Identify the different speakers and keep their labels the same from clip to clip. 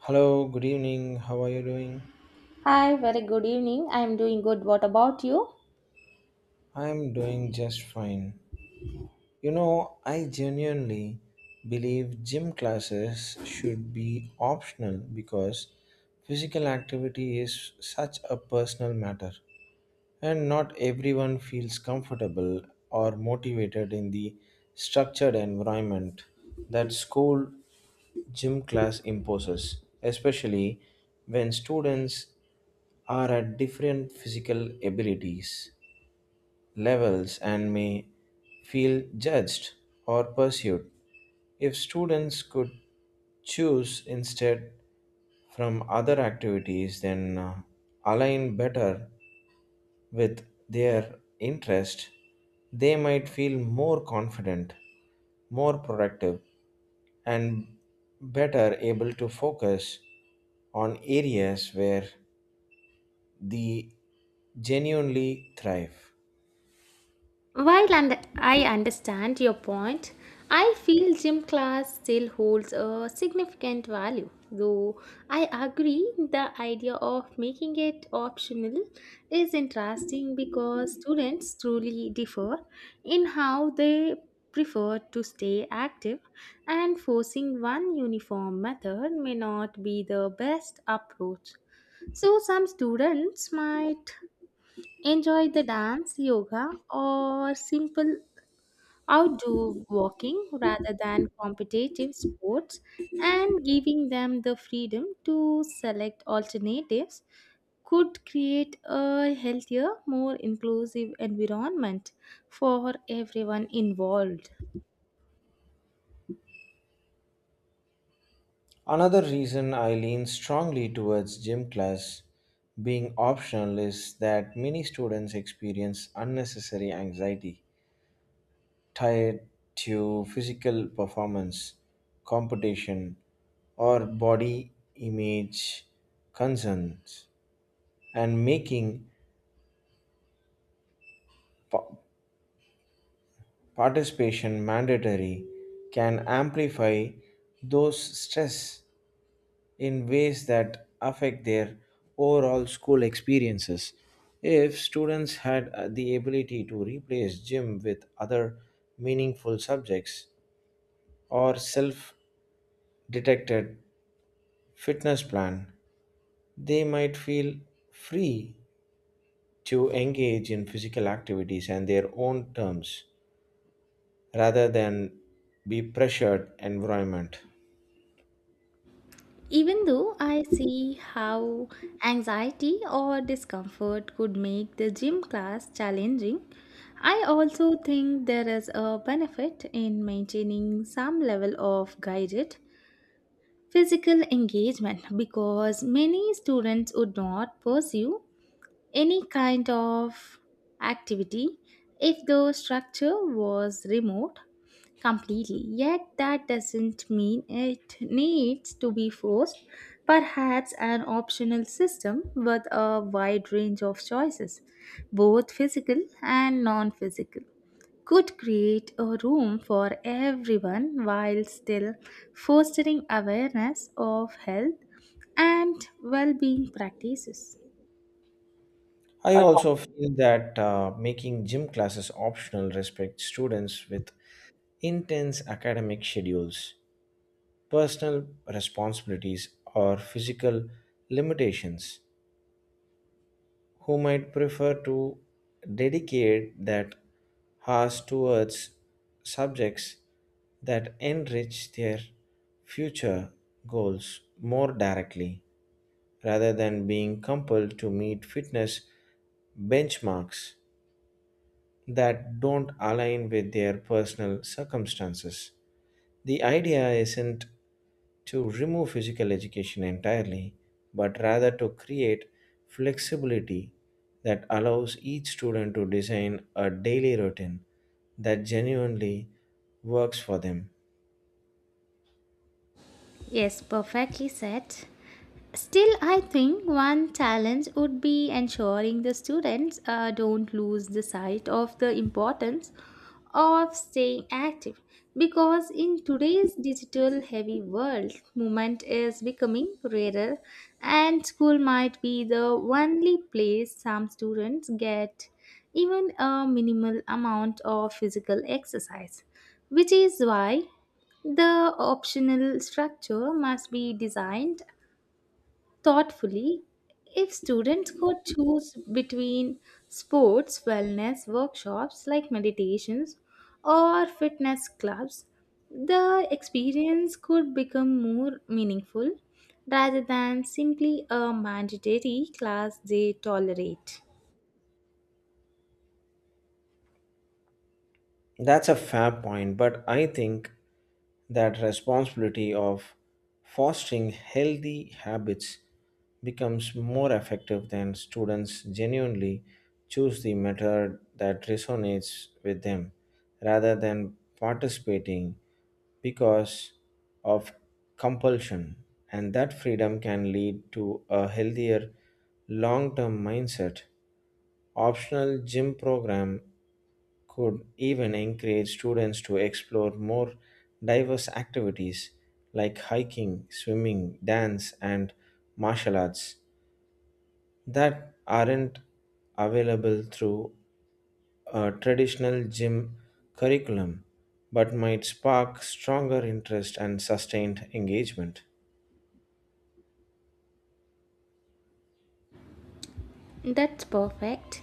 Speaker 1: Hello, good evening. How are you doing?
Speaker 2: Hi, very good evening. I am doing good. What about you?
Speaker 1: I'm doing just fine. You know, I genuinely believe gym classes should be optional because physical activity is such a personal matter, and not everyone feels comfortable or motivated in the structured environment that school gym class imposes, especially when students are at different physical abilities levels and may feel judged or pursued. If students could choose instead from other activities, then align better with their interest, they might feel more confident, more productive, and better able to focus on areas where they genuinely thrive.
Speaker 2: While and I understand your point, I feel gym class still holds a significant value. Though I agree the idea of making it optional is interesting because students truly differ in how they prefer to stay active and forcing one uniform method may not be the best approach. So some students might enjoy the dance, yoga, or simple outdoor walking rather than competitive sports, and giving them the freedom to select alternatives could create a healthier, more inclusive environment for everyone involved.
Speaker 1: Another reason I lean strongly towards gym class being optional is that many students experience unnecessary anxiety tied to physical performance, competition, or body image concerns, and making pa- participation mandatory can amplify those stress in ways that affect their overall school experiences. If students had the ability to replace gym with other meaningful subjects or self detected fitness plan, they might feel free to engage in physical activities and their own terms rather than be pressured environment.
Speaker 2: Even though I see how anxiety or discomfort could make the gym class challenging, I also think there is a benefit in maintaining some level of guided physical engagement because many students would not pursue any kind of activity if the structure was remote completely. Yet that doesn't mean it needs to be forced. Perhaps an optional system with a wide range of choices, both physical and non physical, could create a room for everyone while still fostering awareness of health and well being practices.
Speaker 1: I also feel that making gym classes optional respects students with intense academic schedules, personal responsibilities, or physical limitations, who might prefer to dedicate that hours towards subjects that enrich their future goals more directly rather than being compelled to meet fitness benchmarks that don't align with their personal circumstances. The idea isn't to remove physical education entirely, but rather to create flexibility that allows each student to design a daily routine that genuinely works for them.
Speaker 2: Yes, perfectly said. Still, I think one challenge would be ensuring the students don't lose the sight of the importance of staying active because in today's digital heavy world, movement is becoming rarer, and school might be the only place some students get even a minimal amount of physical exercise, which is why the optional structure must be designed thoughtfully. If students could choose between sports, wellness workshops like meditations or fitness clubs, the experience could become more meaningful rather than simply a mandatory class they tolerate.
Speaker 1: That's a fair point, but I think that responsibility of fostering healthy habits becomes more effective than students genuinely choose the method that resonates with them rather than participating because of compulsion, and that freedom can lead to a healthier long term mindset. Optional gym program could even encourage students to explore more diverse activities like hiking, swimming, dance, and martial arts that aren't available through a traditional gym curriculum, but might spark stronger interest and sustained engagement.
Speaker 2: That's perfect.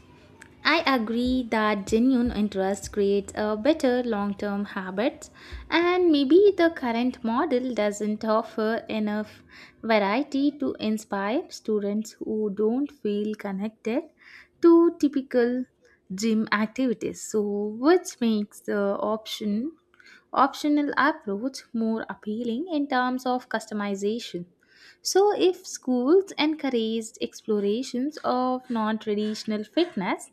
Speaker 2: I agree that genuine interest creates a better long term habit, and maybe the current model doesn't offer enough variety to inspire students who don't feel connected to typical gym activities. So, which makes the optional approach more appealing in terms of customization. So, if schools encouraged explorations of non traditional fitness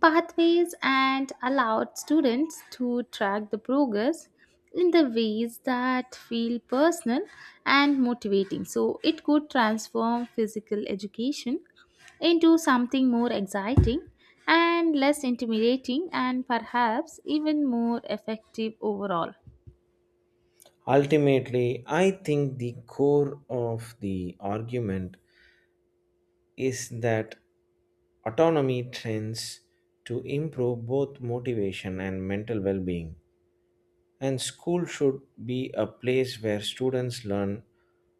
Speaker 2: pathways and allowed students to track the progress in the ways that feel personal and motivating, so it could transform physical education into something more exciting and less intimidating, and perhaps even more effective overall.
Speaker 1: Ultimately, I think the core of the argument is that autonomy tends to improve both motivation and mental well being. And school should be a place where students learn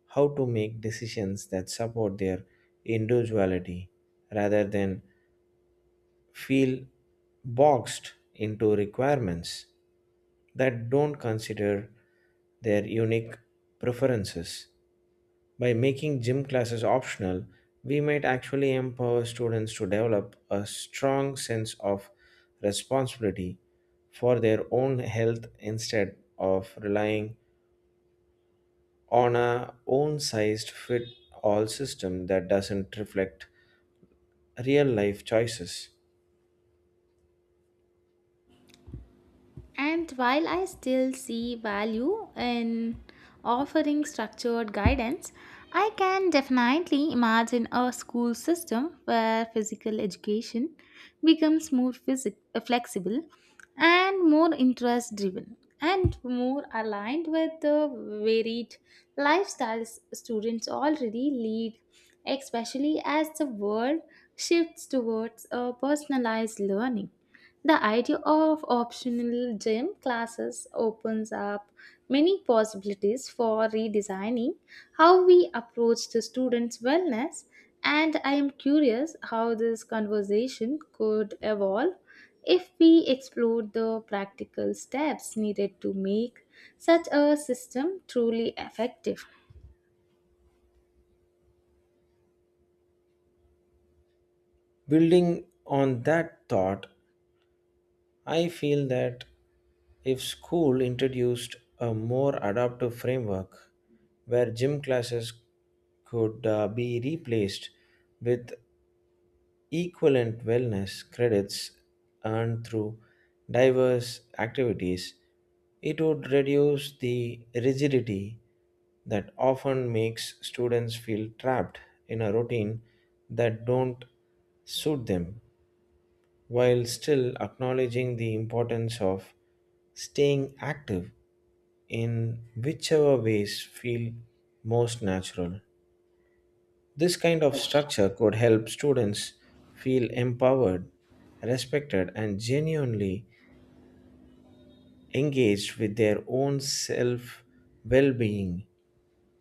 Speaker 1: how to make decisions that support their individuality rather than feel boxed into requirements that don't consider their unique preferences. By making gym classes optional, we might actually empower students to develop a strong sense of responsibility for their own health instead of relying on a own sized fit all system that doesn't reflect real life choices.
Speaker 2: And while I still see value in offering structured guidance, I can definitely imagine a school system where physical education becomes more flexible and more interest driven and more aligned with the varied lifestyles students already lead, especially as the world shifts towards a personalized learning. The idea of optional gym classes opens up many possibilities for redesigning how we approach the students' wellness, and I am curious how this conversation could evolve if we explore the practical steps needed to make such a system truly effective.
Speaker 1: Building on that thought, I feel that if school introduced a more adaptive framework where gym classes could be replaced with equivalent wellness credits earned through diverse activities, it would reduce the rigidity that often makes students feel trapped in a routine that don't suit them while still acknowledging the importance of staying active in whichever ways feel most natural. This kind of structure could help students feel empowered, respected, and genuinely engaged with their own self well being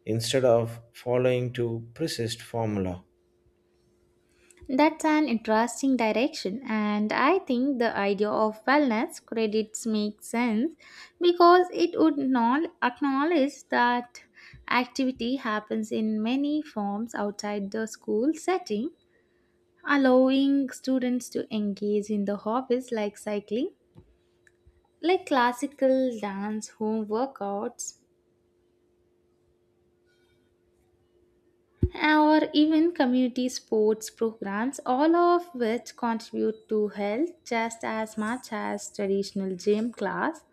Speaker 1: instead of following to persist formula.
Speaker 2: That's an interesting direction, and I think the idea of wellness credits makes sense because it would not acknowledge that activity happens in many forms outside the school setting, allowing students to engage in the hobbies like cycling, like classical dance, home workouts, or even community sports programs, all of which contribute to health just as much as traditional gym class.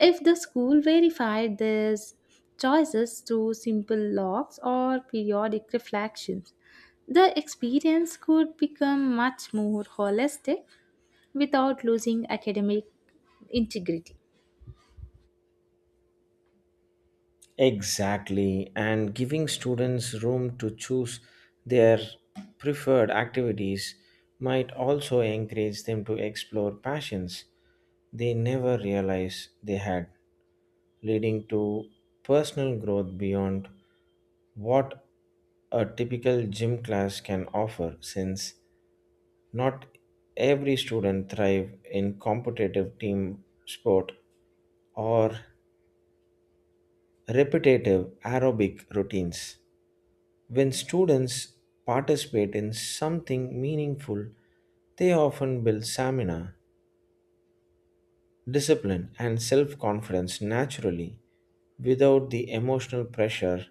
Speaker 2: If the school verified these choices through simple logs or periodic reflections, the experience could become much more holistic without losing academic integrity.
Speaker 1: Exactly, and giving students room to choose their preferred activities might also encourage them to explore passions they never realized they had, leading to personal growth beyond what a typical gym class can offer since not every student thrive in competitive team sport or repetitive aerobic routines. When students participate in something meaningful, they often build stamina, discipline, and self confidence naturally without the emotional pressure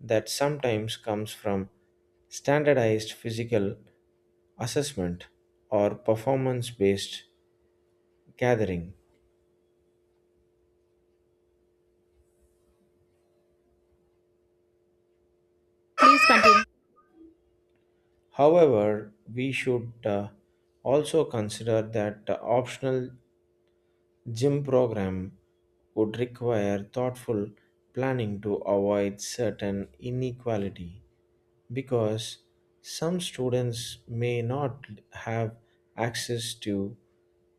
Speaker 1: that sometimes comes from standardized physical assessment or performance based gathering.
Speaker 2: Please continue.
Speaker 1: However, we should also consider that optional gym program would require thoughtful planning to avoid certain inequality because some students may not have access to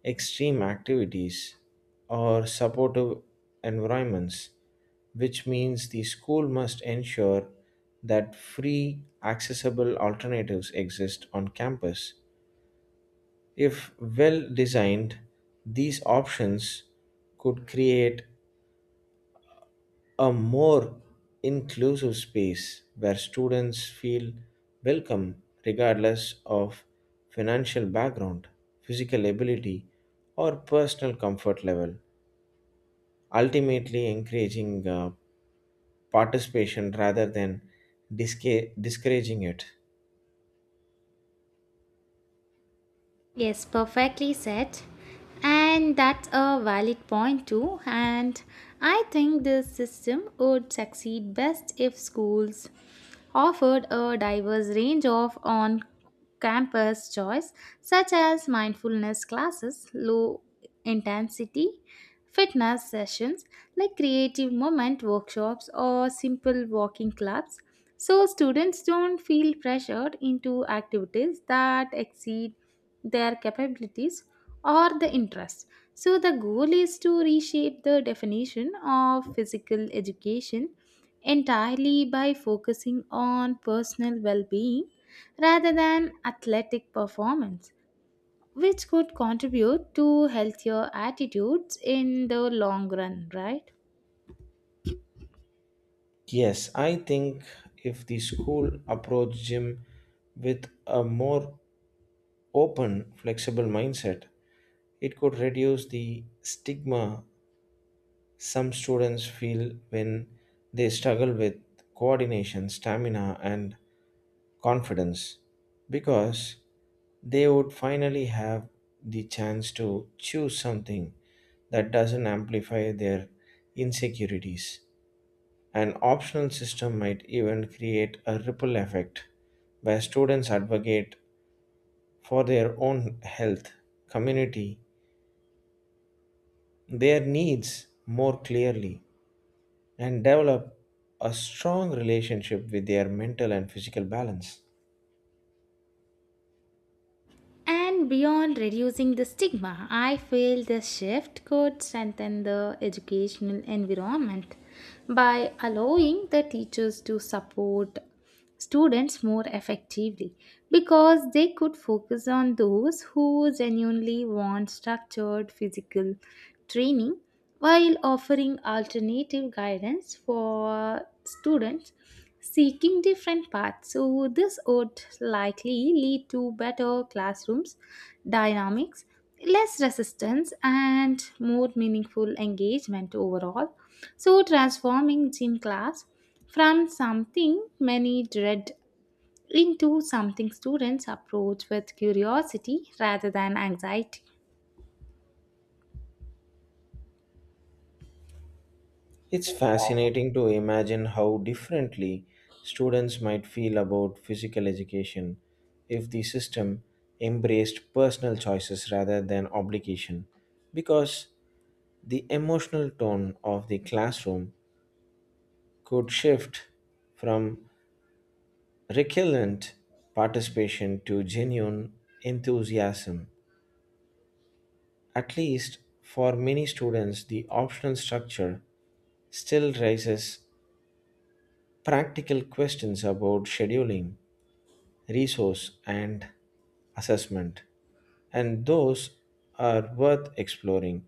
Speaker 1: extreme activities or supportive environments, which means the school must ensure that free, accessible alternatives exist on campus if well designed, these options could create a more inclusive space where students feel welcome regardless of financial background, physical ability, or personal comfort level, ultimately encouraging participation rather than discouraging it.
Speaker 2: Yes, perfectly said. And that's a valid point too. And I think this system would succeed best if schools offered a diverse range of on campus choice, such as mindfulness classes, low intensity fitness sessions like creative moment workshops or simple walking clubs so students don't feel pressured into activities that exceed their capabilities or the interest so the goal is to reshape the definition of physical education entirely by focusing on personal well-being rather than athletic performance which could contribute to healthier attitudes in the long run, right?
Speaker 1: Yes, I think if the school approached gym with a more open, flexible mindset, it could reduce the stigma some students feel when they struggle with coordination, stamina, and confidence because they would finally have the chance to choose something that doesn't amplify their insecurities. An optional system might even create a ripple effect where students advocate for their own health, community, their needs more clearly and develop a strong relationship with their mental and physical balance.
Speaker 2: And beyond reducing the stigma, I feel this shift could strengthen the educational environment by allowing the teachers to support students more effectively because they could focus on those who genuinely want structured physical training while offering alternative guidance for students seeking different paths. So, this would likely lead to better classrooms, dynamics, less resistance, and more meaningful engagement overall. So, transforming gym class from something many dread into something students approach with curiosity rather than anxiety.
Speaker 1: It's fascinating to imagine how differently students might feel about physical education if the system embraced personal choices rather than obligation, because the emotional tone of the classroom could shift from recurrent participation to genuine enthusiasm. At least for many students, the optional structure still raises practical questions about scheduling, resource, and assessment, and those are worth exploring.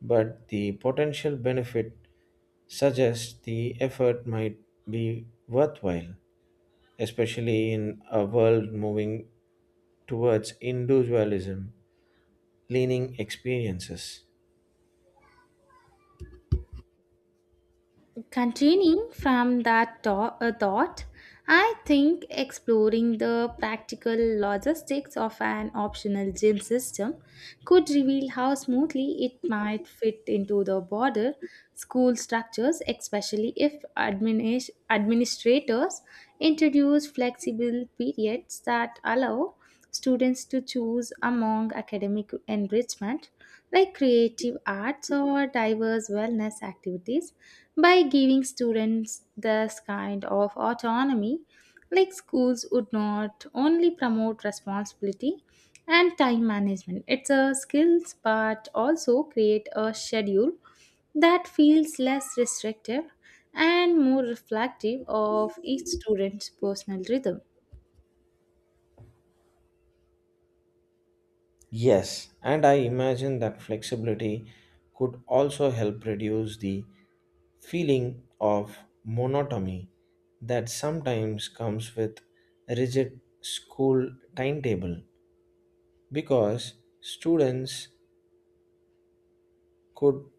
Speaker 1: But the potential benefit suggests the effort might be worthwhile, especially in a world moving towards individualism leaning experiences.
Speaker 2: Continuing from that thought, I think exploring the practical logistics of an optional gym system could reveal how smoothly it might fit into the broader school structures, especially if administrators introduce flexible periods that allow students to choose among academic enrichment like creative arts or diverse wellness activities by giving students this kind of autonomy like schools would not only promote responsibility and time management it's a skills but also create a schedule that feels less restrictive and more reflective of each student's personal rhythm.
Speaker 1: Yes, and I imagine that flexibility could also help reduce the feeling of monotony that sometimes comes with a rigid school timetable because students could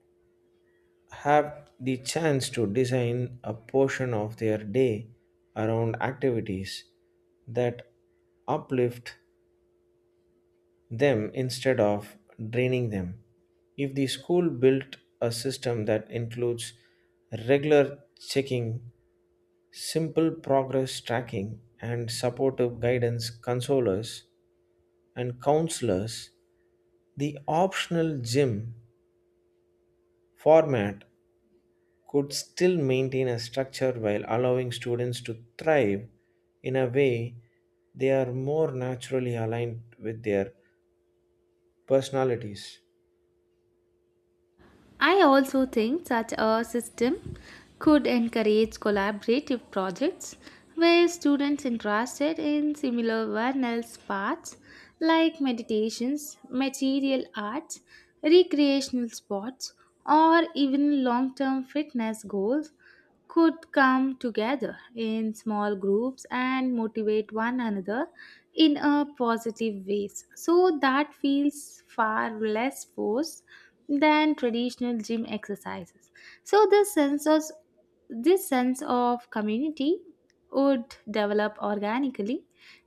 Speaker 1: have the chance to design a portion of their day around activities that uplift them instead of draining them. If the school built a system that includes regular checking, simple progress tracking, and supportive guidance consolers and counselors, the optional gym format could still maintain a structure while allowing students to thrive in a way they are more naturally aligned with their personalities.
Speaker 2: I also think such a system could encourage collaborative projects where students interested in similar Vernal's paths like meditations, material arts, recreational sports, or even long term fitness goals could come together in small groups and motivate one another in a positive ways so that feels far less forced than traditional gym exercises so this sense of community would develop organically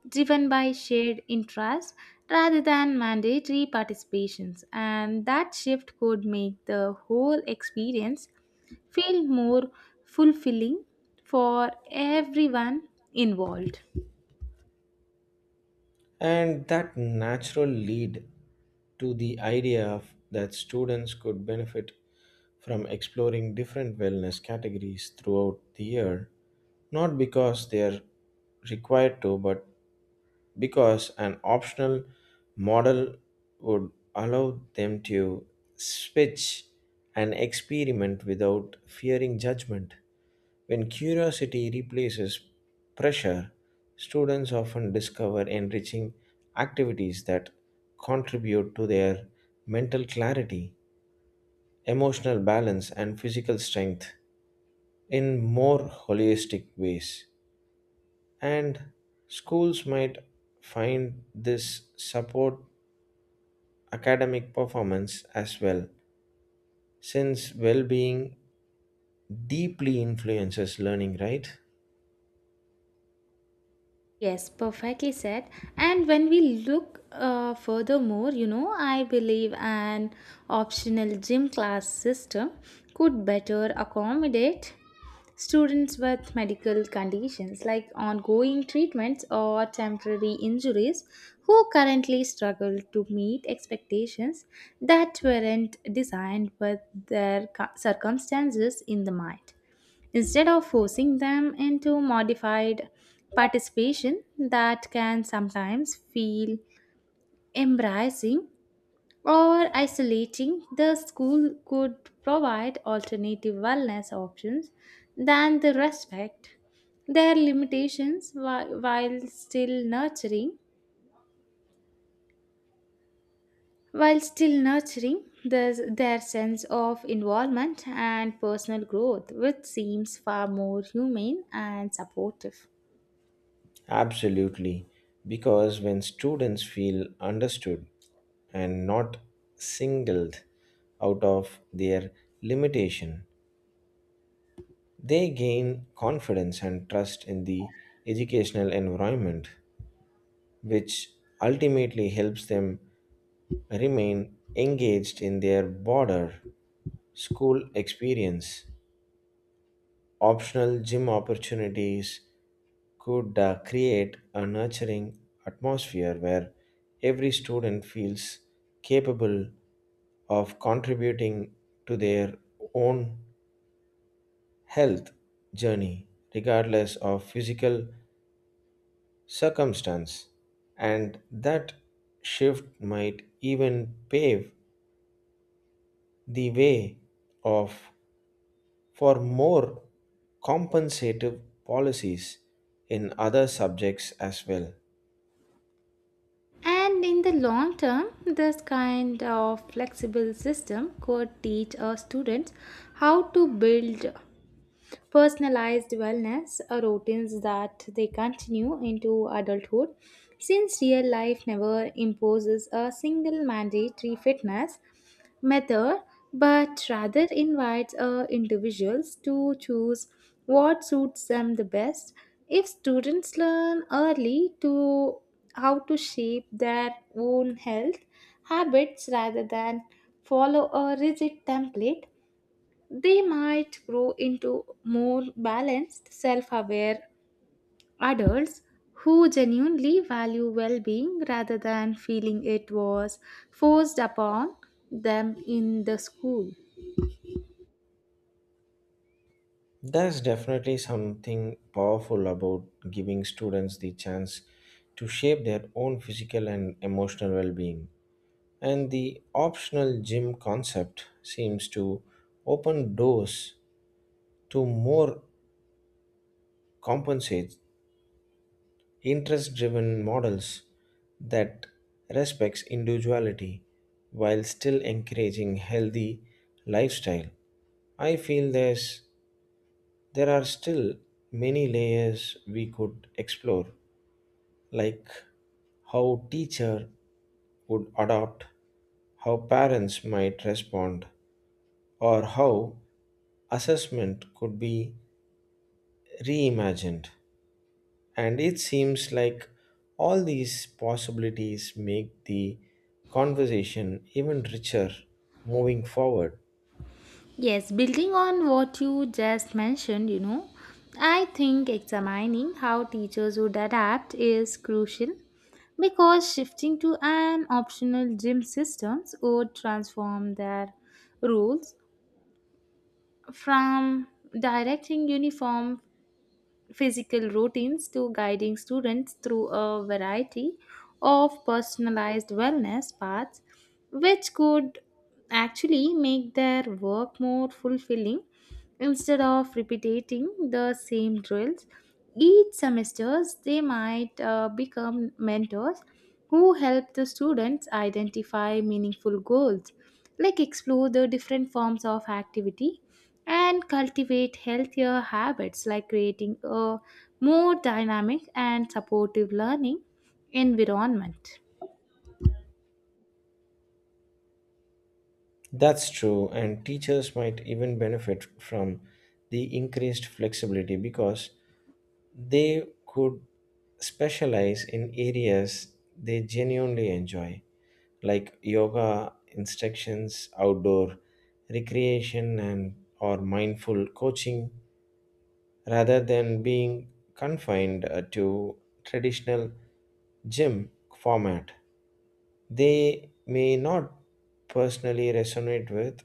Speaker 2: driven by shared interest rather than mandatory participations and that shift could make the whole experience feel more fulfilling for everyone involved.
Speaker 1: And that natural lead to the idea of that students could benefit from exploring different wellness categories throughout the year, not because they are required to, but because an optional model would allow them to switch and experiment without fearing judgment. When curiosity replaces pressure, students often discover enriching activities that contribute to their mental clarity, emotional balance, and physical strength in more holistic ways. And schools might find this support academic performance as well, since well being deeply influences learning, right?
Speaker 2: Yes, perfectly said. And when we look furthermore, I believe an optional gym class system could better accommodate students with medical conditions like ongoing treatments or temporary injuries who currently struggle to meet expectations that weren't designed with their circumstances in the mind. Instead of forcing them into modified participation that can sometimes feel embracing, or isolating, the school could provide alternative wellness options than the respect their limitations while still nurturing the, their sense of involvement and personal growth which seems far more humane and supportive.
Speaker 1: Absolutely, because when students feel understood and not singled out of their limitation, they gain confidence and trust in the educational environment, which ultimately helps them remain engaged in their broader school experience. Optional gym opportunities could create a nurturing atmosphere where every student feels capable of contributing to their own health journey, regardless of physical circumstance. And that shift might even pave the way of for more compensative policies in other subjects as well.
Speaker 2: And in the long term, this kind of flexible system could teach our students how to build personalized wellness routines that they continue into adulthood since real life never imposes a single mandatory fitness method but rather invites individuals to choose what suits them the best if students learn early to how to shape their own health habits rather than follow a rigid template they might grow into more balanced self-aware adults who genuinely value well being rather than feeling it was forced upon them in the school.
Speaker 1: There's definitely something powerful about giving students the chance to shape their own physical and emotional well being. And the optional gym concept seems to open doors to more compensate interest driven models that respects individuality while still encouraging healthy lifestyle. I feel there's There are still many layers we could explore, like how teacher would adopt, how parents might respond, or how assessment could be reimagined. And it seems like all these possibilities make the conversation even richer moving forward.
Speaker 2: Yes, building on what you just mentioned, I think examining how teachers would adapt is crucial because shifting to an optional gym systems would transform their rules from directing uniform physical routines to guiding students through a variety of personalized wellness paths, which could actually make their work more fulfilling instead of repeating the same drills each semesters they might become mentors who help the students identify meaningful goals like explore the different forms of activity and cultivate healthier habits like creating a more dynamic and supportive learning environment.
Speaker 1: That's true, and teachers might even benefit from the increased flexibility because they could specialize in areas they genuinely enjoy, like yoga instructions, outdoor recreation, and or mindful coaching, rather than being confined to traditional gym format. They may not personally resonate with.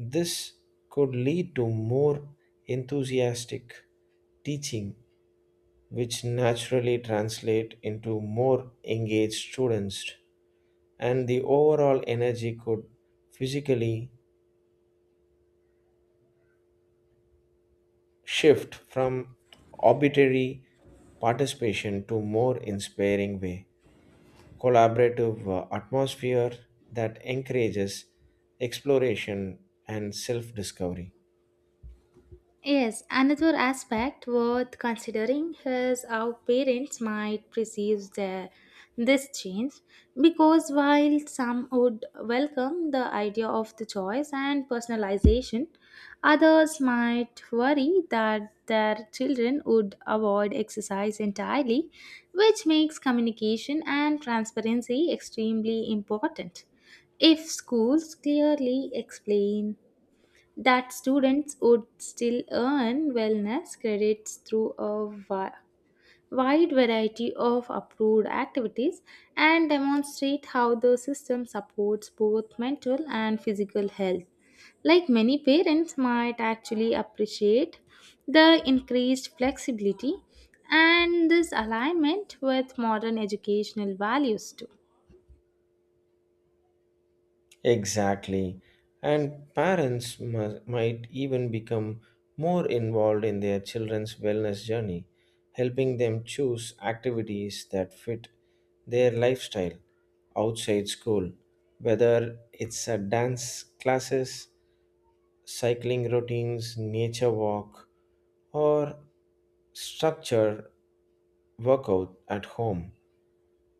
Speaker 1: This could lead to more enthusiastic teaching which naturally translate into more engaged students and the overall energy could physically shift from arbitrary participation to more inspiring way collaborative atmosphere that encourages exploration and self discovery.
Speaker 2: Yes, another aspect worth considering is how parents might perceive their, this change because while some would welcome the idea of the choice and personalization, others might worry that their children would avoid exercise entirely, which makes communication and transparency extremely important. If schools clearly explain that students would still earn wellness credits through a wide variety of approved activities and demonstrate how the system supports both mental and physical health. Like many parents might actually appreciate the increased flexibility and this alignment with modern educational values too.
Speaker 1: Exactly. And parents might even become more involved in their children's wellness journey, helping them choose activities that fit their lifestyle outside school, whether it's a dance classes, cycling routines, nature walk, or structure workout at home.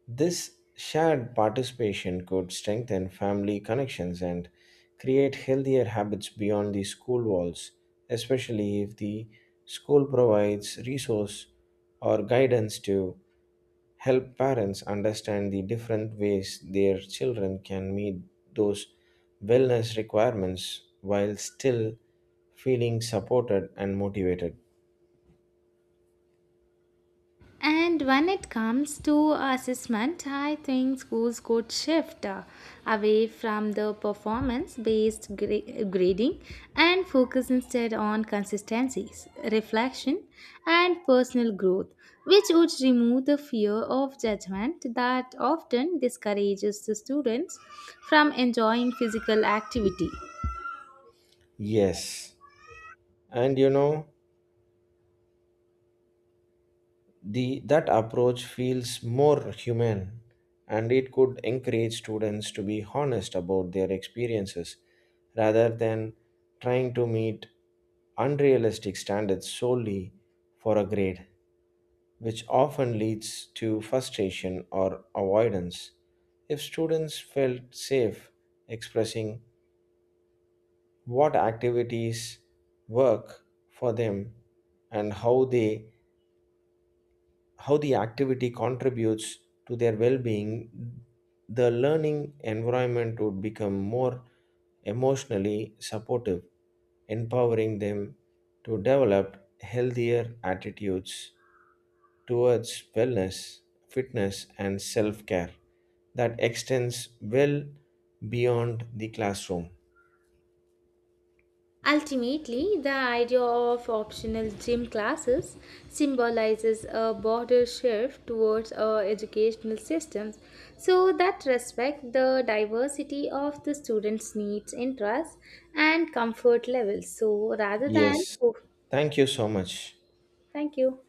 Speaker 1: This shared participation could strengthen family connections and create healthier habits beyond the school walls, especially if the school provides resource or guidance to help parents understand the different ways their children can meet those wellness requirements while still feeling supported and motivated.
Speaker 2: And when it comes to assessment, I think schools could shift away from the performance based grading and focus instead on consistencies, reflection, and personal growth, which would remove the fear of judgment that often discourages the students from enjoying physical activity.
Speaker 1: Yes. And you know, that approach feels more human and it could encourage students to be honest about their experiences rather than trying to meet unrealistic standards solely for a grade, which often leads to frustration or avoidance. If students felt safe expressing what activities work for them and how the activity contributes to their well-being, the learning environment would become more emotionally supportive, empowering them to develop healthier attitudes towards wellness, fitness, and self care that extends well beyond the classroom.
Speaker 2: Ultimately, the idea of optional gym classes symbolizes a broader shift towards our educational systems so that respect the diversity of the students' needs, interests, and comfort levels. So, rather than,
Speaker 1: Yes,
Speaker 2: oh,
Speaker 1: thank you so much.
Speaker 2: thank you.